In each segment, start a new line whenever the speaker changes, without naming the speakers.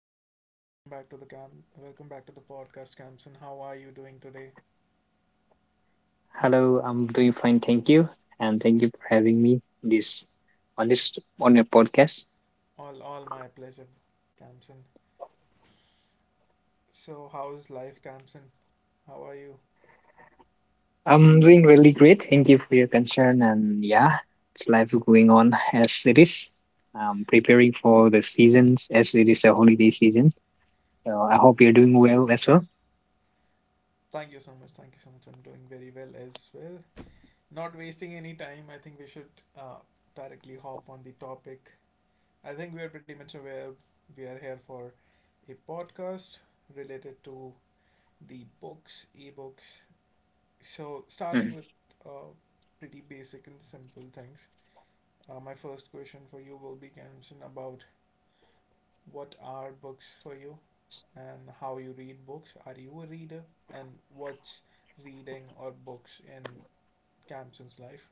Hi, hello, welcome back to the cam. Welcome back to the podcast, Camson. How are you doing today?
Hello, I'm doing fine, thank you, and thank you for having me this on this on your podcast.
All my pleasure, Camson. So, how's life, Camson? How are you?
I'm doing really great. Thank you for your concern, and yeah, it's life going on as it is. I'm preparing for the seasons as it is a holiday season. So I
All
hope you're doing
right.
well as well.
Thank you so much. Thank you so much. I'm doing very well as well. Not wasting any time. I think we should directly hop on the topic. I think we are pretty much aware we are here for a podcast related to the books, ebooks. So,
Mhm.
starting with uh, pretty basic and simple things. My first question for you will be, Kemson, about what are books for you and how you read books. Are you a reader? And what's reading or books in Camson's life?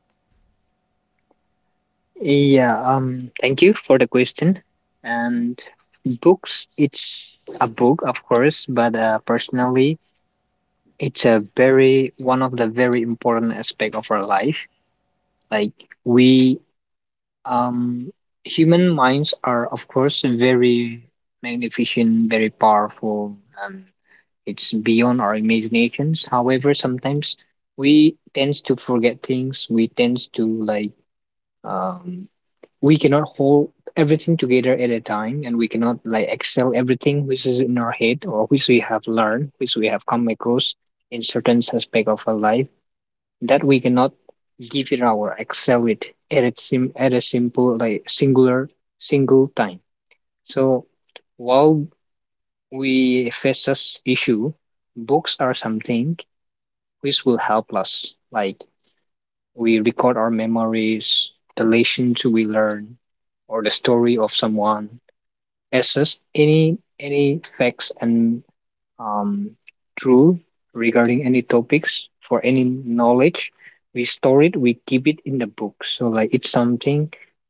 Yeah, Thank you for the question. And books, it's a book, of course, but personally, it's a very one of the very important aspect of our life. Like we um human minds are, of course, very magnificent, very powerful, and it's beyond our imaginations. However, sometimes we tends to forget things. We tends to um we cannot hold everything together at a time, and we cannot like excel everything which is in our head or which we have learned, which we have come across in certain aspect of our life, that we cannot give it our excel it at a, at a simple like singular single time. So while we face this issue, books are something which will help us, like we record our memories, the lessons we learn, or the story of someone, assess any facts and, um, true regarding any topics, for any knowledge we store it, we keep it in the book. So like it's something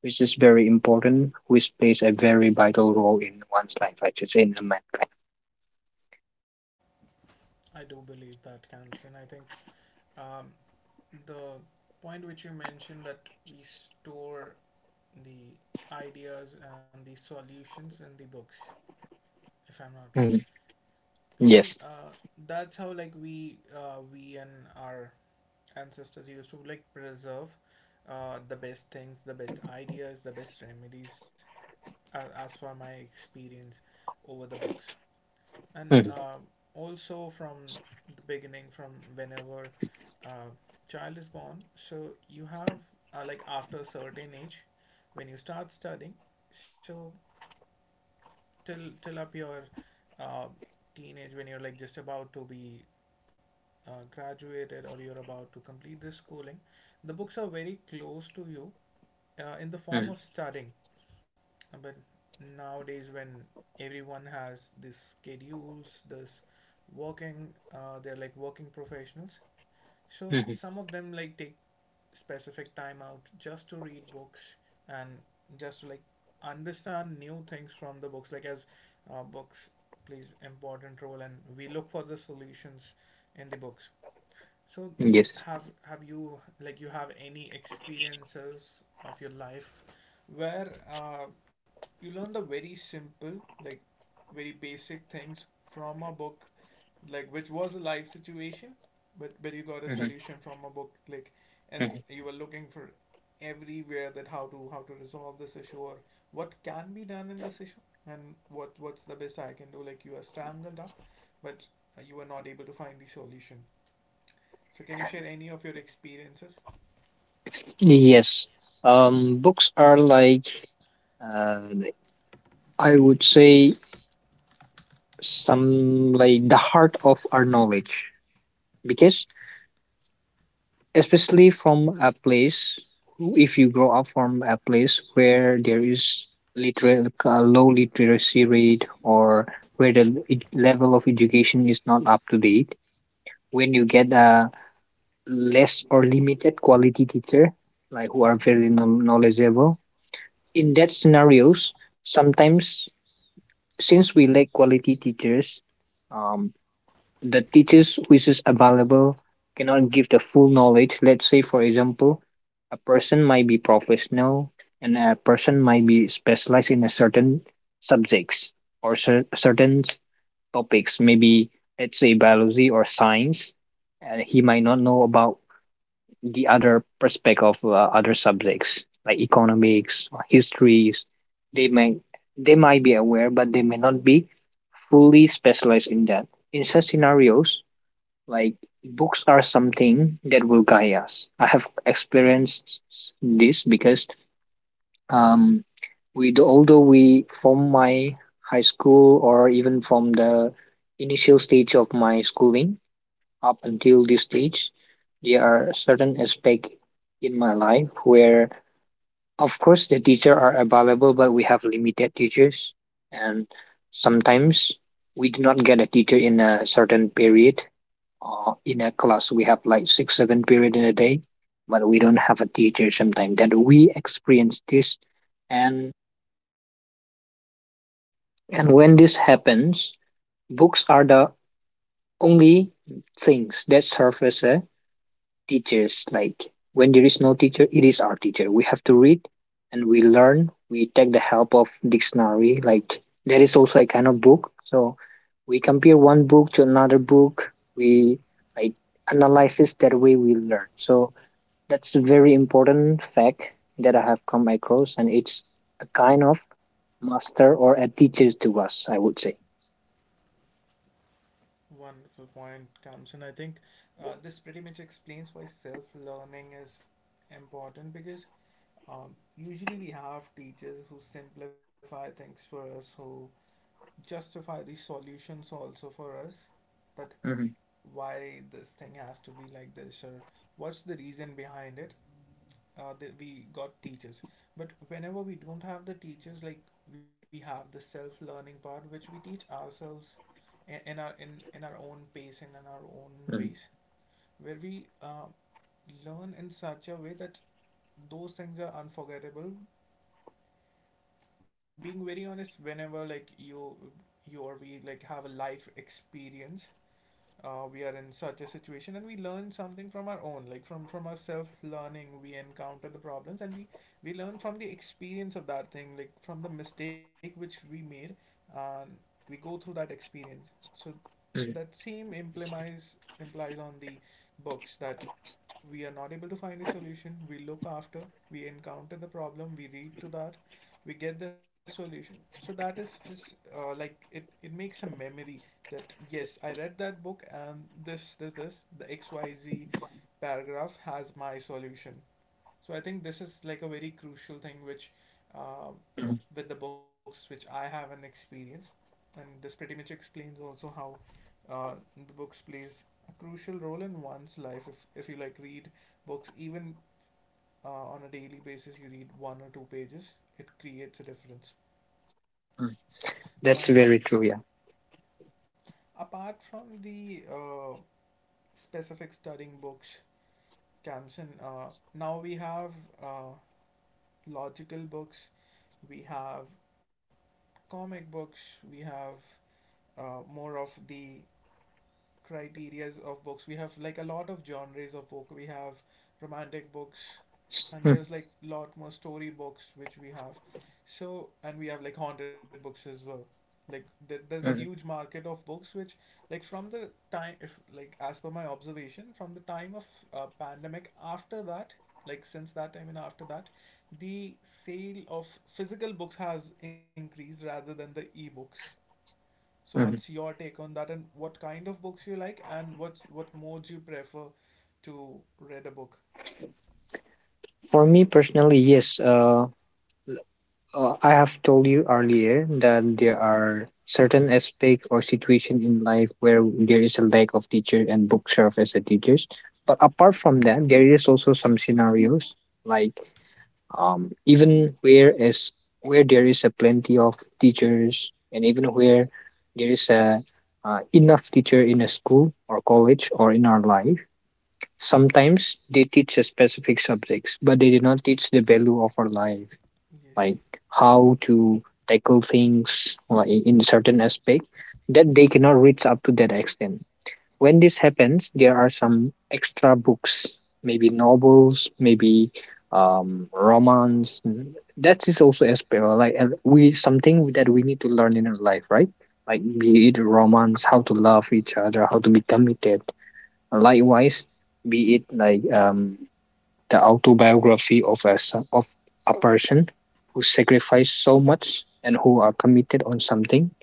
which is very important, which plays a very vital role in one's life, I should say, in the mankind.
I do believe that, Camson. I think um, the point which you mentioned that we store the ideas and the solutions in the books, if I'm not wrong.
Mhm.
So
Yes.
that's how like we and our ancestors used to like preserve the best things, the best ideas, the best remedies, as for my experience over the books. And
Mhm.
also from the beginning, from whenever uh, child is born, so you have like after a certain age, when you start studying, so till up your uh, teenage when you're like just about to be graduated or you're about to complete this schooling, the books are very close to you in the form
Mhm.
of studying. But nowadays, when everyone has this schedules, this working, they're like working professionals, so
Mhm.
some of them like take specific time out just to read books and just to like understand new things from the books. Like as books plays important role, and we look for the solutions in the books. So
Yes.
have you like you have any experiences of your life where you learn the very simple like very basic things from a book like which was a live situation but you got a
Mhm.
solution from a book like and
Mhm.
you were looking for everywhere that how to resolve this issue or what can be done in this issue and what's the best I can do like you are strangled up but you were not able to find the solution so can you share any of your experiences?
Yes. Books are like, uh, I would say, some like the heart of our knowledge, because especially from a place, if you grow up from a place where there is literal low literacy rate, or where the level of education is not up to date, when you get a less or limited quality teacher, like who are
Mhm.
very knowledgeable. In that scenarios, sometimes, since we lack quality teachers, um, the teachers which is available cannot give the full knowledge. Let's say, for example, a person might be professional, and a person might be specialized in a certain subjects, or certain topics, maybe let's say biology or science, and he might not know about the other perspective of other subjects like economics or histories. They might they might be aware but they may not be fully specialized in that in such scenarios like books are something that will guide us. I have experienced this because um, we do, although we from my high school or even from the initial stage of my schooling up until this stage, there are certain aspects in my life where, of course, the teacher are available, but we have limited teachers, and sometimes we do not get a teacher in a certain period. In a class, we have like six, seven period in a day, but we don't have a teacher sometimes. That we experience this, and when this happens, books are the only things that serve as a teachers. Like when there is no teacher, it is our teacher. We have to read, and we learn. We take the help of dictionary, like there is also a kind of book. So we compare one book to another book, we like analysis. That way we learn. So that's a very important fact that I have come across, and it's a kind of master or a teacher to us, I would say.
Wonderful point, Kamsun. I think this pretty much explains why self learning is important because usually we have teachers who simplify things for us, who justify the solutions also for us that
Mhm,
why this thing has to be like this or what's the reason behind it, that we got teachers. But whenever we don't have the teachers, like we have the self-learning part, which we teach ourselves in our own pace and in our own ways,
mhm,
where we learn in such a way that those things are unforgettable. Being very honest, whenever like you or we like have a life experience, we are in such a situation and we learn something from our own like from our self learning we encounter the problems and we learn from the experience of that thing like from the mistake which we made and we go through that experience, so that
mhm,
same implies on the books that we are not able to find a solution, we look after, we encounter the problem, we read to that, we get the solution, so that is just like it makes a memory that yes, I read that book and this, the XYZ paragraph has my solution. So I think this is like a very crucial thing which uh,
mhm,
with the books which I have an experience, and this pretty much explains also how uh, the books plays a crucial role in one's life if you like read books even on a daily basis you read one or two pages it creates a difference.
mhm.
uh,
That's very true, yeah.
Apart from the specific studying books, Kamsen, now we have uh, logical books, we have comic books, we have more of the criterias of books. We have like a lot of genres of book. We have romantic books, and there's like lot more story books which we have. So and we have like haunted books as well. Like there's a huge
Mhm,
market of books which, like from the time, if like as per my observation, from the time of pandemic, after that, like since that time and after that, the sale of physical books has increased rather than the e-books, so what's
mhm.
your take on that and what kind of books you like and what modes you prefer to read a book?
For me personally, yes. I have told you earlier that there are certain aspect or situation in life where there is a lack of teacher and book serve as a teachers. But apart from that, there is also some scenarios like, even where there is a plenty of teachers, and even where there is a enough teacher in a school or college or in our life. Sometimes they teach us specific subjects, but they did not teach the value of our life, like
Yes.
how to tackle things like in certain aspect, that they cannot reach up to that extent. When this happens, there are some extra books, maybe novels, maybe, romance. That is also as well, like, we something that we need to learn in our life, right? Like
Mm-hmm.
be it romance, how to love each other, how to be committed. Likewise, be it like, the autobiography of a of a person who sacrificed so much and who are committed on something.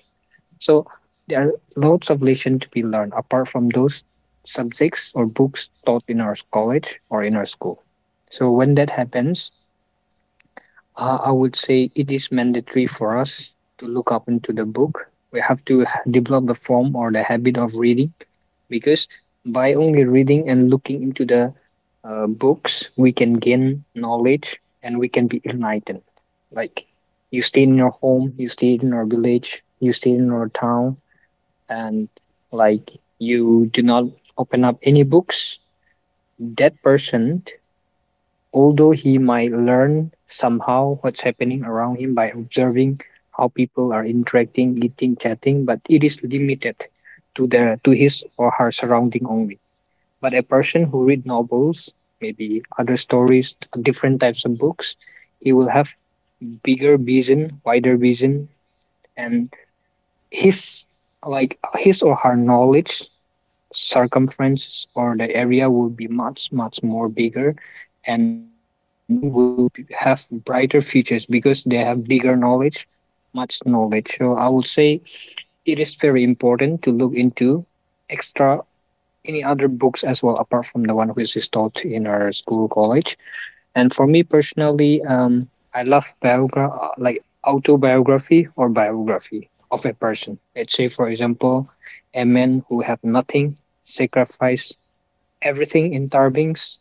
So there are lots of lessons to be learned apart from those subjects or books taught in our college or in our school. So when that happens, I would say it is mandatory for us to look up into the book. We have to develop the form or the habit of reading, because by only reading and looking into the books, we can gain knowledge and we can be enlightened. Like you stay in your home, you stay in your village, you stay in your town, and like you do not open up any books, that person, although he might learn somehow what's happening around him by observing how people are interacting, eating, chatting, but it is limited to the to his or her surrounding only. But a person who read novels, maybe other stories, different types of books, he will have bigger vision, wider vision, and his like his or her knowledge circumferences or the area will be much much more bigger, and that person will have brighter futures because they have bigger knowledge, much knowledge. So I would say it is very important to look into extra any other books as well apart from the one which is taught in our school college. And for me personally, I love like autobiography or biography of a person. Let's say, for example, a man who had nothing, sacrificed everything in tarbings,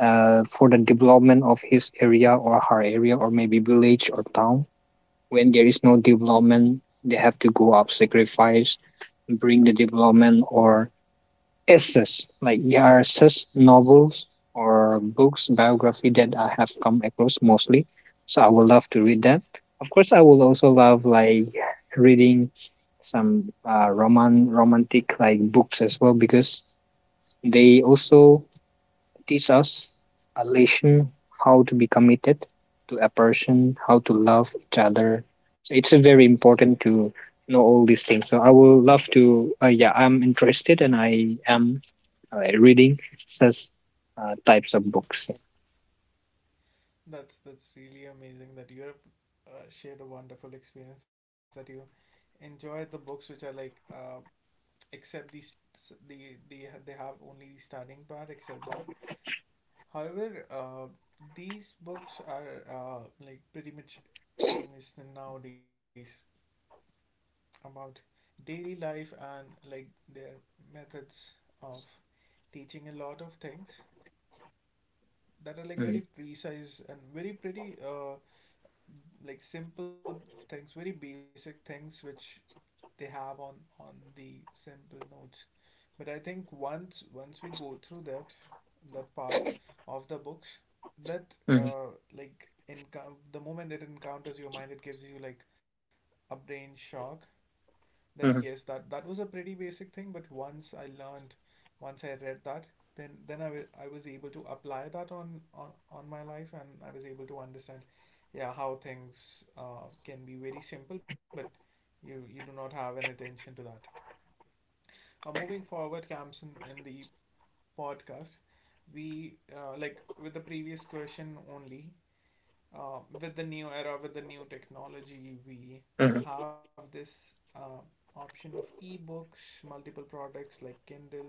for the development of his area or her area or maybe village or town. When there is no development, they have to go up sacrifice, bring the development, or essays, like essays, novels, or books, biography that I have come across mostly. So I would love to read that. Of course, I will also love like reading some romantic like books as well, because they also teach us a lesson, how to be committed to a person, how to love each other. So it's, very important to know all these things. So I will love to. Yeah, I'm interested and I am reading such types of books.
That's really amazing that you have shared a wonderful experience, that you enjoy the books which are like uh, except these they have only the starting part except that. However, these books are like pretty much famous nowadays about daily life and like their methods of teaching a lot of things that are like
Yeah.
very precise and very pretty like simple things very basic things which they have on the simple notes, but I think once we go through that that part of the books that
Mhm,
like in the moment it encounters your mind it gives you like a brain shock that yes
mhm,
that that was a pretty basic thing, but once I learned once I read that then I was able to apply that on my life and I was able to understand yeah how things can be very simple but you do not have an attention to that. Moving forward, camps in the podcast we like with the previous question only with the new era, with the new technology, we
mhm,
have this uh, option of ebooks, multiple products like Kindle,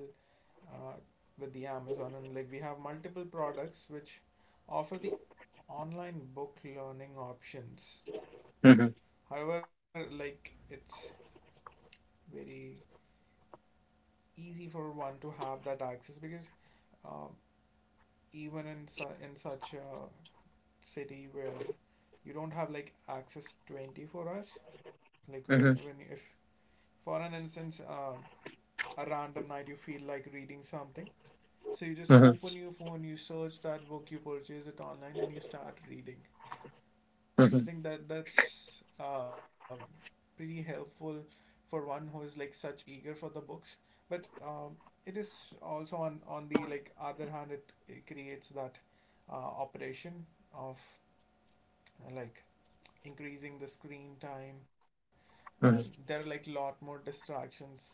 uh, with the Amazon, and like we have multiple products which offer the online book learning options.
mhm, mhm,
However, like it's very easy for one to have that access because uh, even in su- in such a city where you don't have like access 24 hours like where when
mhm,
if for an instance a random night you feel like reading something so you just
mhm,
open your phone you search that book you purchase it online and you start reading. I
mhm,
think that that's pretty helpful for one who is like such eager for the books. But it is also on the like other hand, it creates that uh, operation of like increasing the screen time, and there are
mhm,
like lot more distractions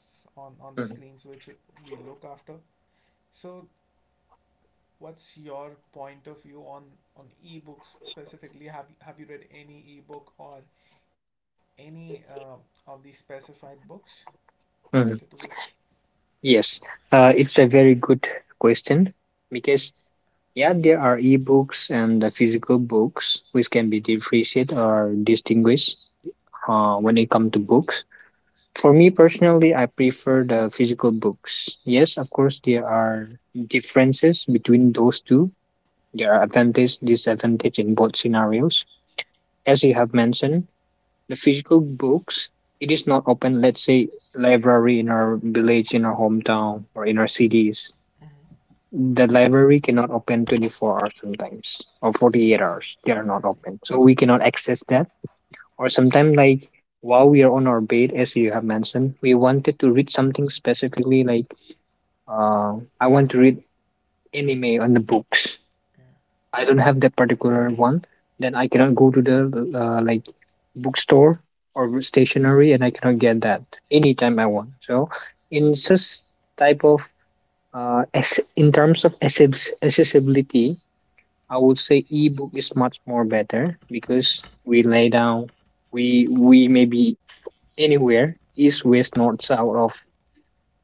on the
mhm,
screens which we look after. So, what's your point of view on ebooks specifically? Have you read any ebook or any of the specified books related
mhm.
to this?
Yes, it's a very good question, because yeah, there are ebooks and the physical books, which can be differentiated or distinguished, when it comes to books. For me personally, I prefer the physical books. Yes, of course, there are differences between those two. There are advantage, disadvantage in both scenarios. As you have mentioned, the physical books, it is not open, let's say, library in our village, in our hometown, or in our cities,
Mm-hmm.
the library cannot open 24 hours sometimes, or 48 hours they are not
Exactly.
open, so we cannot access that. Or sometimes like, while we are on our bed, as you have mentioned, we
Yeah.
wanted to read something specifically, like, uh, I want to read anime on the books,
Yeah.
I don't have that particular one, then I cannot go to the, like, bookstore or stationery, and I cannot get that anytime I want. So in such type of, as in terms of accessibility, I would say ebook is much more better, because we lay down, we may be anywhere, east, west, north, south of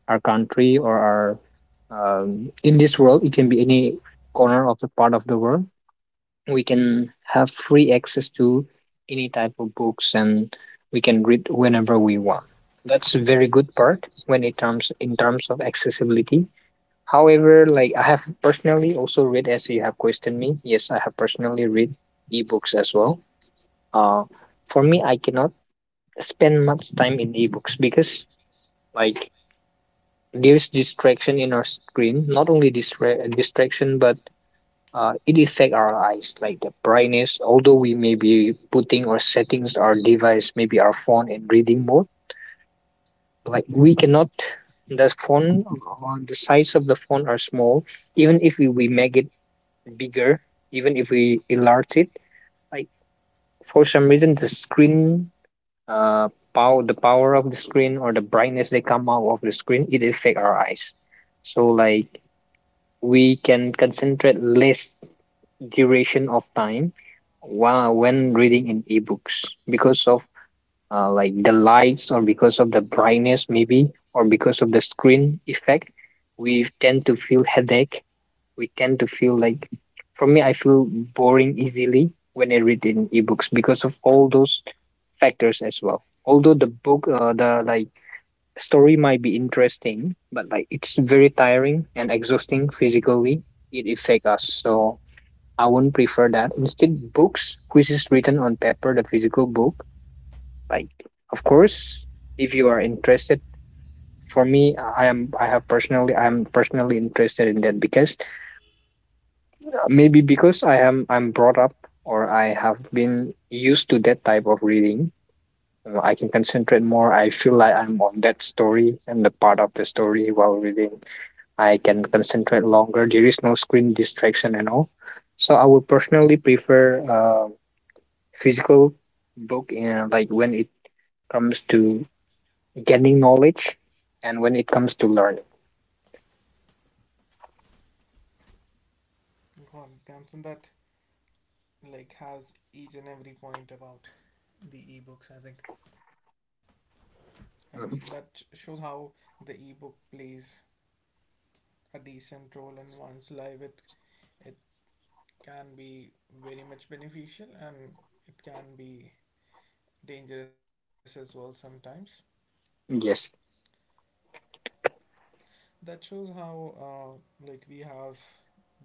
our country or our, in this world. It can be any corner of the part of the world. We can have free access to any type of books, and we can read whenever we want. That's a very good part when it comes in terms of accessibility. However, like I have personally also read, as you have questioned me, yes, I have personally read ebooks as well. Uh, for me, I cannot spend much time in ebooks, because like there's distraction in our screen. Not only distraction, but it affects our eyes, like the brightness. Although we may be putting or settings our device, maybe our phone, in reading mode, like we cannot. The phone, the size of the phone are small. Even if we make it bigger, even if we enlarge it, like for some reason the screen, uh power of the screen or the brightness that come out of the screen, it affect our eyes. So we can concentrate less duration of time while when reading in ebooks because of like the lights or because of the brightness maybe or because of the screen effect. We tend to feel headache, we tend to feel for me I feel boring easily when I read in ebooks because of all those factors as well. Although the book, the story might be interesting, but like it's very tiring and exhausting physically, it affect us. So I wouldn't prefer that. Instead, books which is written on paper, the physical book, like, of course, if you are interested. For me, I am I have personally I'm personally interested in that, because maybe because I'm brought up or I have been used to that type of reading. I can concentrate more, I feel like I'm on that story and the part of the story while reading. I can concentrate longer, there is no screen distraction and all. So I would personally prefer physical book in, like, when it comes to gaining knowledge and when it comes to learning.
God, Gamson, that like has each and every point about the ebooks, I think, and that sh-
Mhm.
shows how the ebook plays a decent role in one's life. It can be very much beneficial and it can be dangerous as well sometimes.
Yes.
That shows how like we have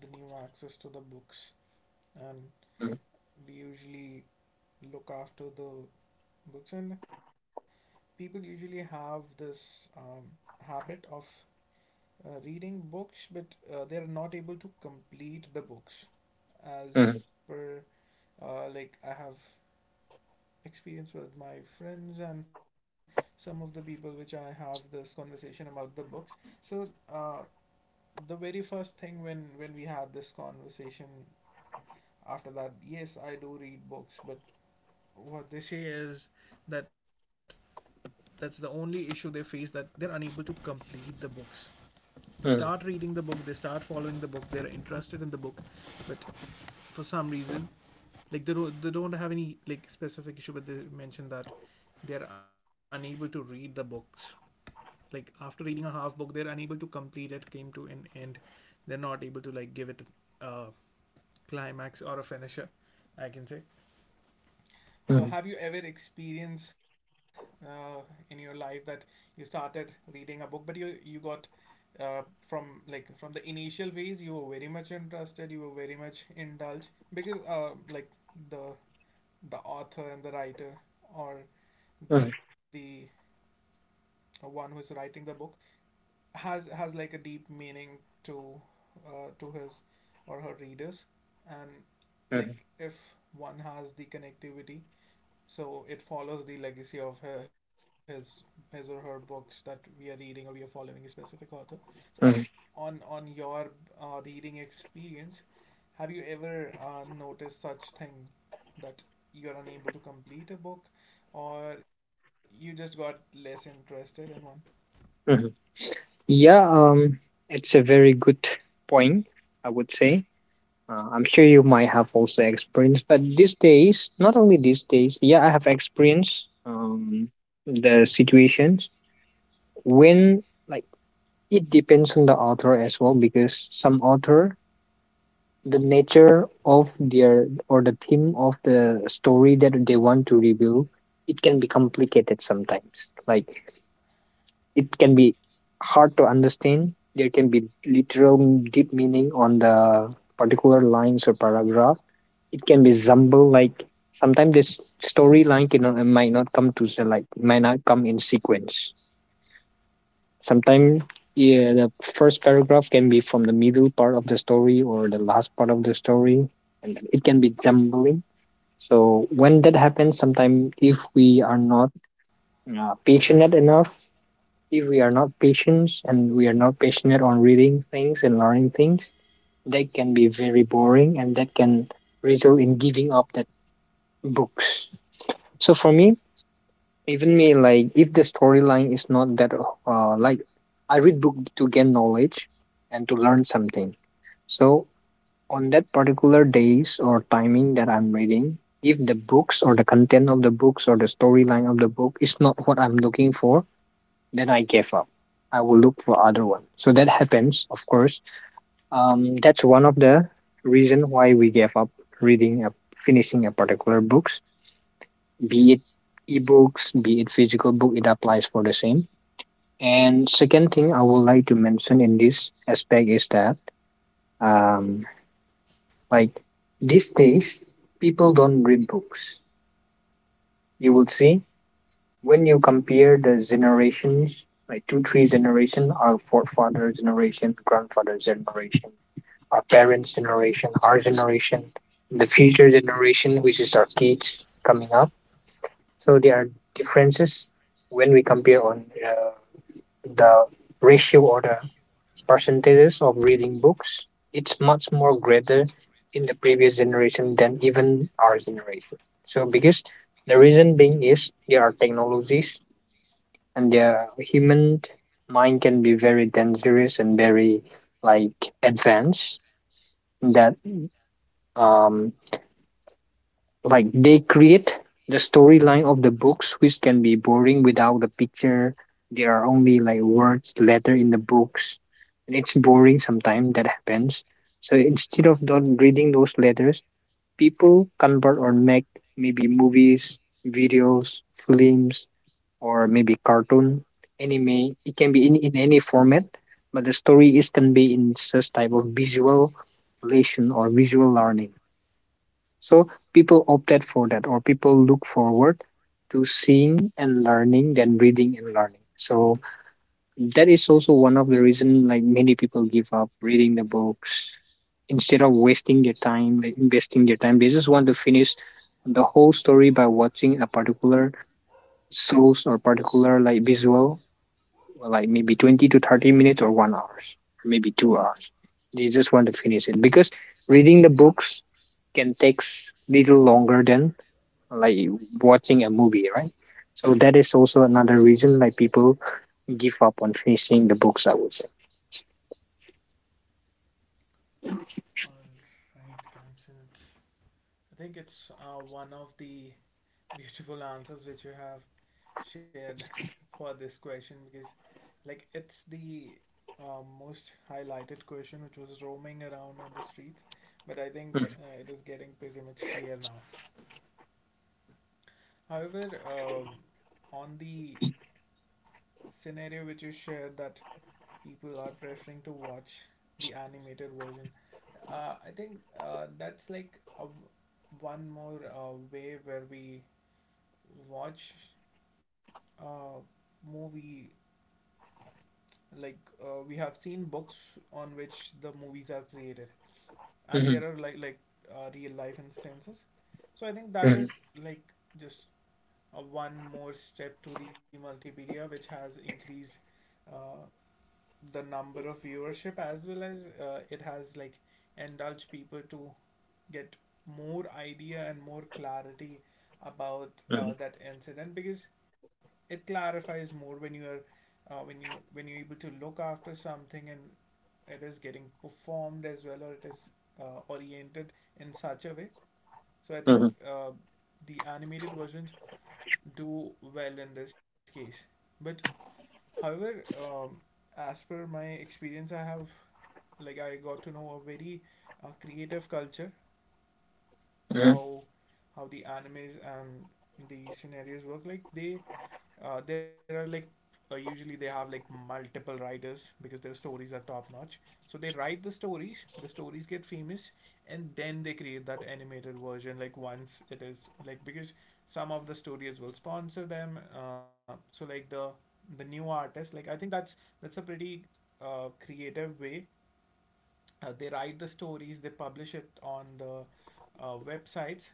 the new access to the books, and
Mhm.
we usually look after the books, and people usually have this um, habit of reading books, but they are not able to complete the books, as
Mhm.
per like I have experience with my friends and some of the people which I have this conversation about the books. So uh, the very first thing, when we had this conversation after that, yes, I do read books, but what they say is that that's the only issue they face, that they're unable to complete the books. They start
Mhm.
reading the book, they start following the book, they're interested in the book, but for some reason, like, they don't have any like specific issue, but they mentioned that they're unable to read the books, like after reading a half book they're unable to complete it, came to an end. They're not able to like give it a climax or a finisher, I can say. So,
Mhm.
have you ever experienced uh, in your life that you started reading a book, but you got uh, from like from the initial phase, you were very much interested, you were very much indulged because like the the author and the writer or the one who is writing the book has like a deep meaning to to his or her readers. And
Mhm.
like if one has the connectivity, so it follows the legacy of her, his or her books that we are reading, or we are following a specific author. So
Mhm.
on your reading experience, have you ever noticed such thing that you're unable to complete a book or you just got less interested in one?
Mhm. Yeah, it's a very good point, I would say. I'm sure you might have also experienced, but these days, not only these days, yeah, I have experienced, the situations when, like, it depends on the author as well. Because some author, the nature of their or the theme of the story that they want to reveal, it can be complicated sometimes. Like, it can be hard to understand. There can be literal deep meaning on the particular lines or paragraph. It can be jumble, like sometimes this storyline cannot, might not come to the, like, might not come in sequence. Sometimes, yeah, the first paragraph can be from the middle part of the story or the last part of the story, and it can be jumbling. So when that happens, sometimes if we are not patient enough, if we are not patient and we are not passionate on reading things and learning things, that can be very boring and that can result in giving up that books. So for me, even me, like, if the storyline is not that, like, I read book to gain knowledge and to learn something. So on that particular days or timing that I'm reading, if the books or the content of the books or the storyline of the book is not what I'm looking for, then I gave up. I will look for other one. So that happens, of course. That's one of the reason why we gave up reading a finishing a particular books, be it ebooks, be it physical book, it applies for the same. And second thing I would like to mention in this aspect is that, um, like, these days people don't read books. You will see, when you compare the generations, like two, three generation, our forefather generation, grandfather generation, our parents generation, our generation, the future generation, which is our kids coming up. So
Mm-hmm.
there are differences when we compare on the ratio or the percentages of reading books. It's much more greater in the previous generation than even our generation. So because the reason being is there are technologies and their human mind can be very dangerous and very, like, advanced, that um like they create the storyline of the books which can be boring without a picture. There are only, like, words letter in the books, and it's boring sometimes that happens. So instead of not reading those letters, people convert or make maybe movies, videos, films, or maybe cartoon, anime. It can be in any format, but the story is can be in such type of visual relation or visual learning. So people opted for that, or people look forward to seeing and learning than reading and learning. So that is also one of the reason like many people give up reading the books, instead of wasting their time, like investing their time. They just want to finish the whole story by watching a particular source or particular like visual, well, like maybe 20 to 30 minutes or 1 hours or maybe 2 hours. They just want to finish it because reading the books can take little longer than, like, watching a movie, right? So that is also another reason like people give up on finishing the books, I would say.
All right, Kamsen, it's, I think it's one of the beautiful answers which you have shared for this question, because like it's the most highlighted question, which was roaming around on the streets, but I think it is getting pretty much clear now. However, on the scenario which you shared, that people are preferring to watch the animated version, I think that's like a one more way where we watch a movie, like we have seen books on which the movies are created, and
Mhm.
there are like real life instances. So I think that
Mhm.
is like just a one more step to the multimedia, which has increased uh, the number of viewership, as well as it has like indulged people to get more idea and more clarity about
Mhm.
that incident, because it clarifies more when you are when you're able to look after something and it is getting performed as well, or it is oriented in such a way. So I think
Mhm.
the animated versions do well in this case. But however, as per my experience, I have like I got to know a very creative culture,
Mhm.
how how the animes and the scenarios work, like they there are like usually they have like multiple writers because their stories are top notch. So they write the stories, the stories get famous, and then they create that animated version, like once it is like, because some of the studios will sponsor them, so like the new artists, like I think that's a pretty creative way. They write the stories, they publish it on the websites,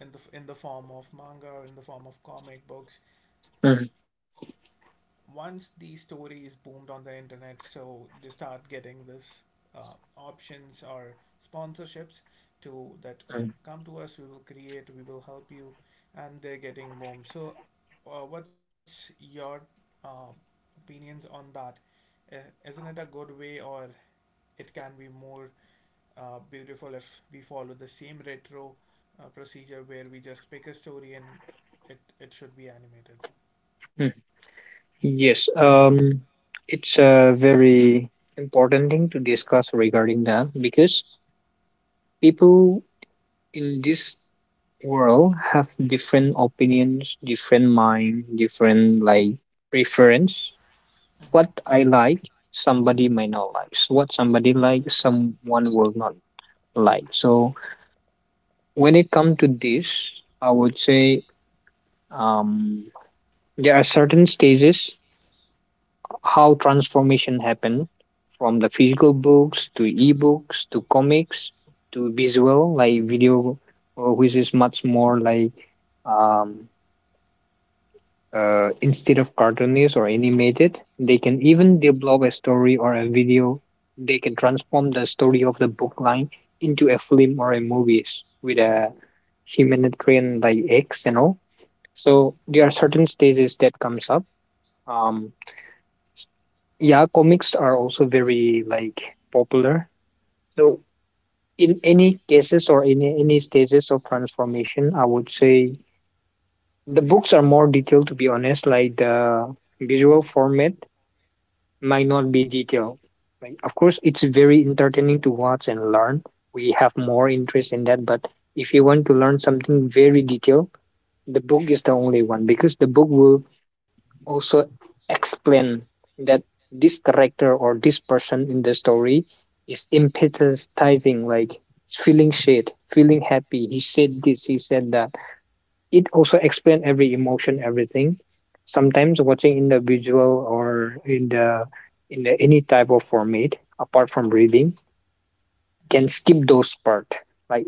in the form of manga, in the form of comic books.
Mhm.
Once these stories boomed on the internet, so they start getting this uh, options or sponsorships to that,
Mhm.
come to us, we will create, we will help you, and they're getting boomed. So, what's your uh, opinions on that? Uh, isn't it a good way, or it can be more beautiful if we follow the same retro procedure where we just pick a story and it should be animated?
Mhm. Yes. It's a very important thing to discuss regarding that, because people in this world have different opinions, different mind, different, like, preference.
Mmhmm, mmhmm,
What I like, somebody might not like. So what somebody likes, someone will not like. So when it comes to this, I would say, um, there are certain stages how transformation happen from the physical books to ebooks to comics to visual like video, which is much more like, um, instead of cartoonish or animated. They can even develop a story or a video. They can transform the story of the book line into a film or a movies with a
mmhmm.
humanitarian like X and all. So there are certain stages that comes up. Um, yeah, comics are also very like popular. So in any cases or in any stages of transformation, I would say the books are more detailed to be honest, like the visual format might not be detailed. Like, of course, it's very entertaining to watch and learn. We have more interest in that, but if you want to learn something very detailed, the book is the only one, because the book will also explain that this character or this person in the story is empathizing, like feeling shit, feeling happy. He said this, he said that. It also explain every emotion, everything. Sometimes watching in the visual or in the, in the, any type of format apart from reading can skip those part. Like,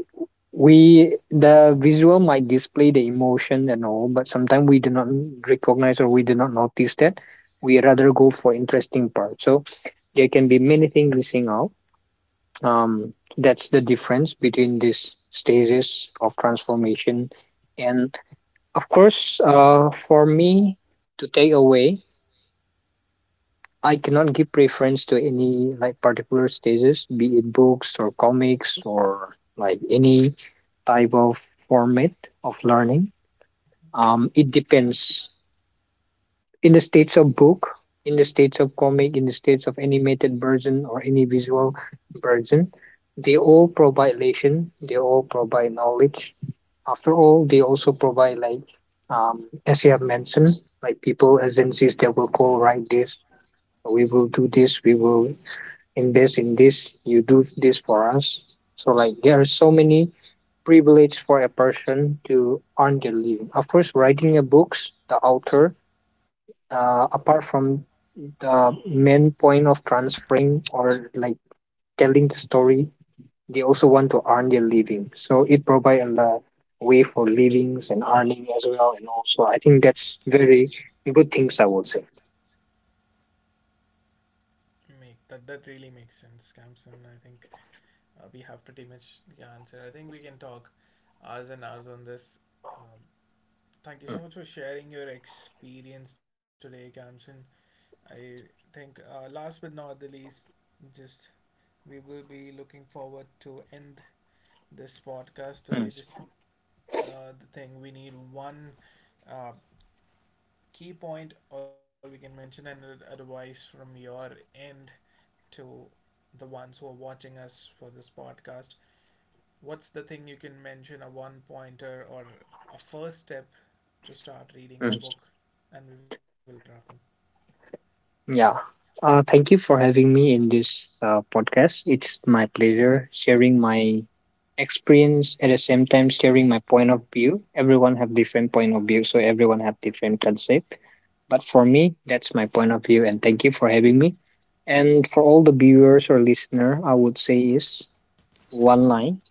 we, the visual might display the emotion and all, but sometimes we do not recognize or we do not notice that. We rather go for interesting part. So there can be many things missing out. That's the difference between these stages of transformation. And of course, for me, to take away, I cannot give preference to any like particular stages, be it books or comics or like any type of format of learning. It depends. In the states of book, in the states of comic, in the states of animated version or any visual version, they all provide lesson, they all provide knowledge. After all, they also provide like, as you have mentioned, like people agencies that will call write this, we will do this, we will invest in this, you do this for us. So like there are so many privileges for a person to earn their living. Of course, writing a books, the author, apart from the main point of transferring or like telling the story, they also want to earn their living. So it provides a la- way for livings and earning as well. And also, I think that's very good things, I would say.
Make that that really makes sense, Camson. I think we have pretty much the answer. I think we can talk hours and hours on this. Um, Thank you so
Mm.
much for sharing your experience today, Kamson. I think last but not the least, just we will be looking forward to end this podcast
Mm.
today. Just the thing, we need one uh, key point, or we can mention an advice from your end to the ones who are watching us for this podcast. What's the thing you can mention, a one pointer or a first step to start reading
Mm.
a book, and we will wrap up?
Yeah. Thank you for having me in this podcast. It's my pleasure sharing my experience, at the same time sharing my point of view. Everyone have different point of view, so everyone have different concept. But for me, that's my point of view, and thank you for having me. And for all the viewers or listener, I would say is, one line: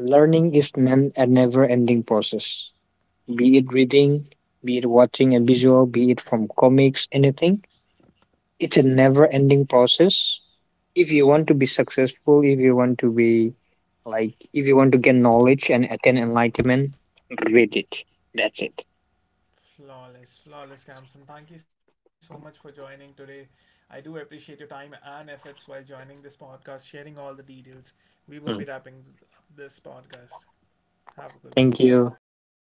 learning is meant a never ending process, be it reading, be it watching a visual, be it from comics, anything. It's a never ending process. If you want to be successful, if you want to be like, if you want to get knowledge and attain enlightenment, read it. That's it.
Flawless, flawless, Kamsan. Thank you so much for joining today. I do appreciate your time and efforts while joining this podcast, sharing all the details. We will be
Mm.
wrapping up this podcast. Have a good
Thank
one.
you.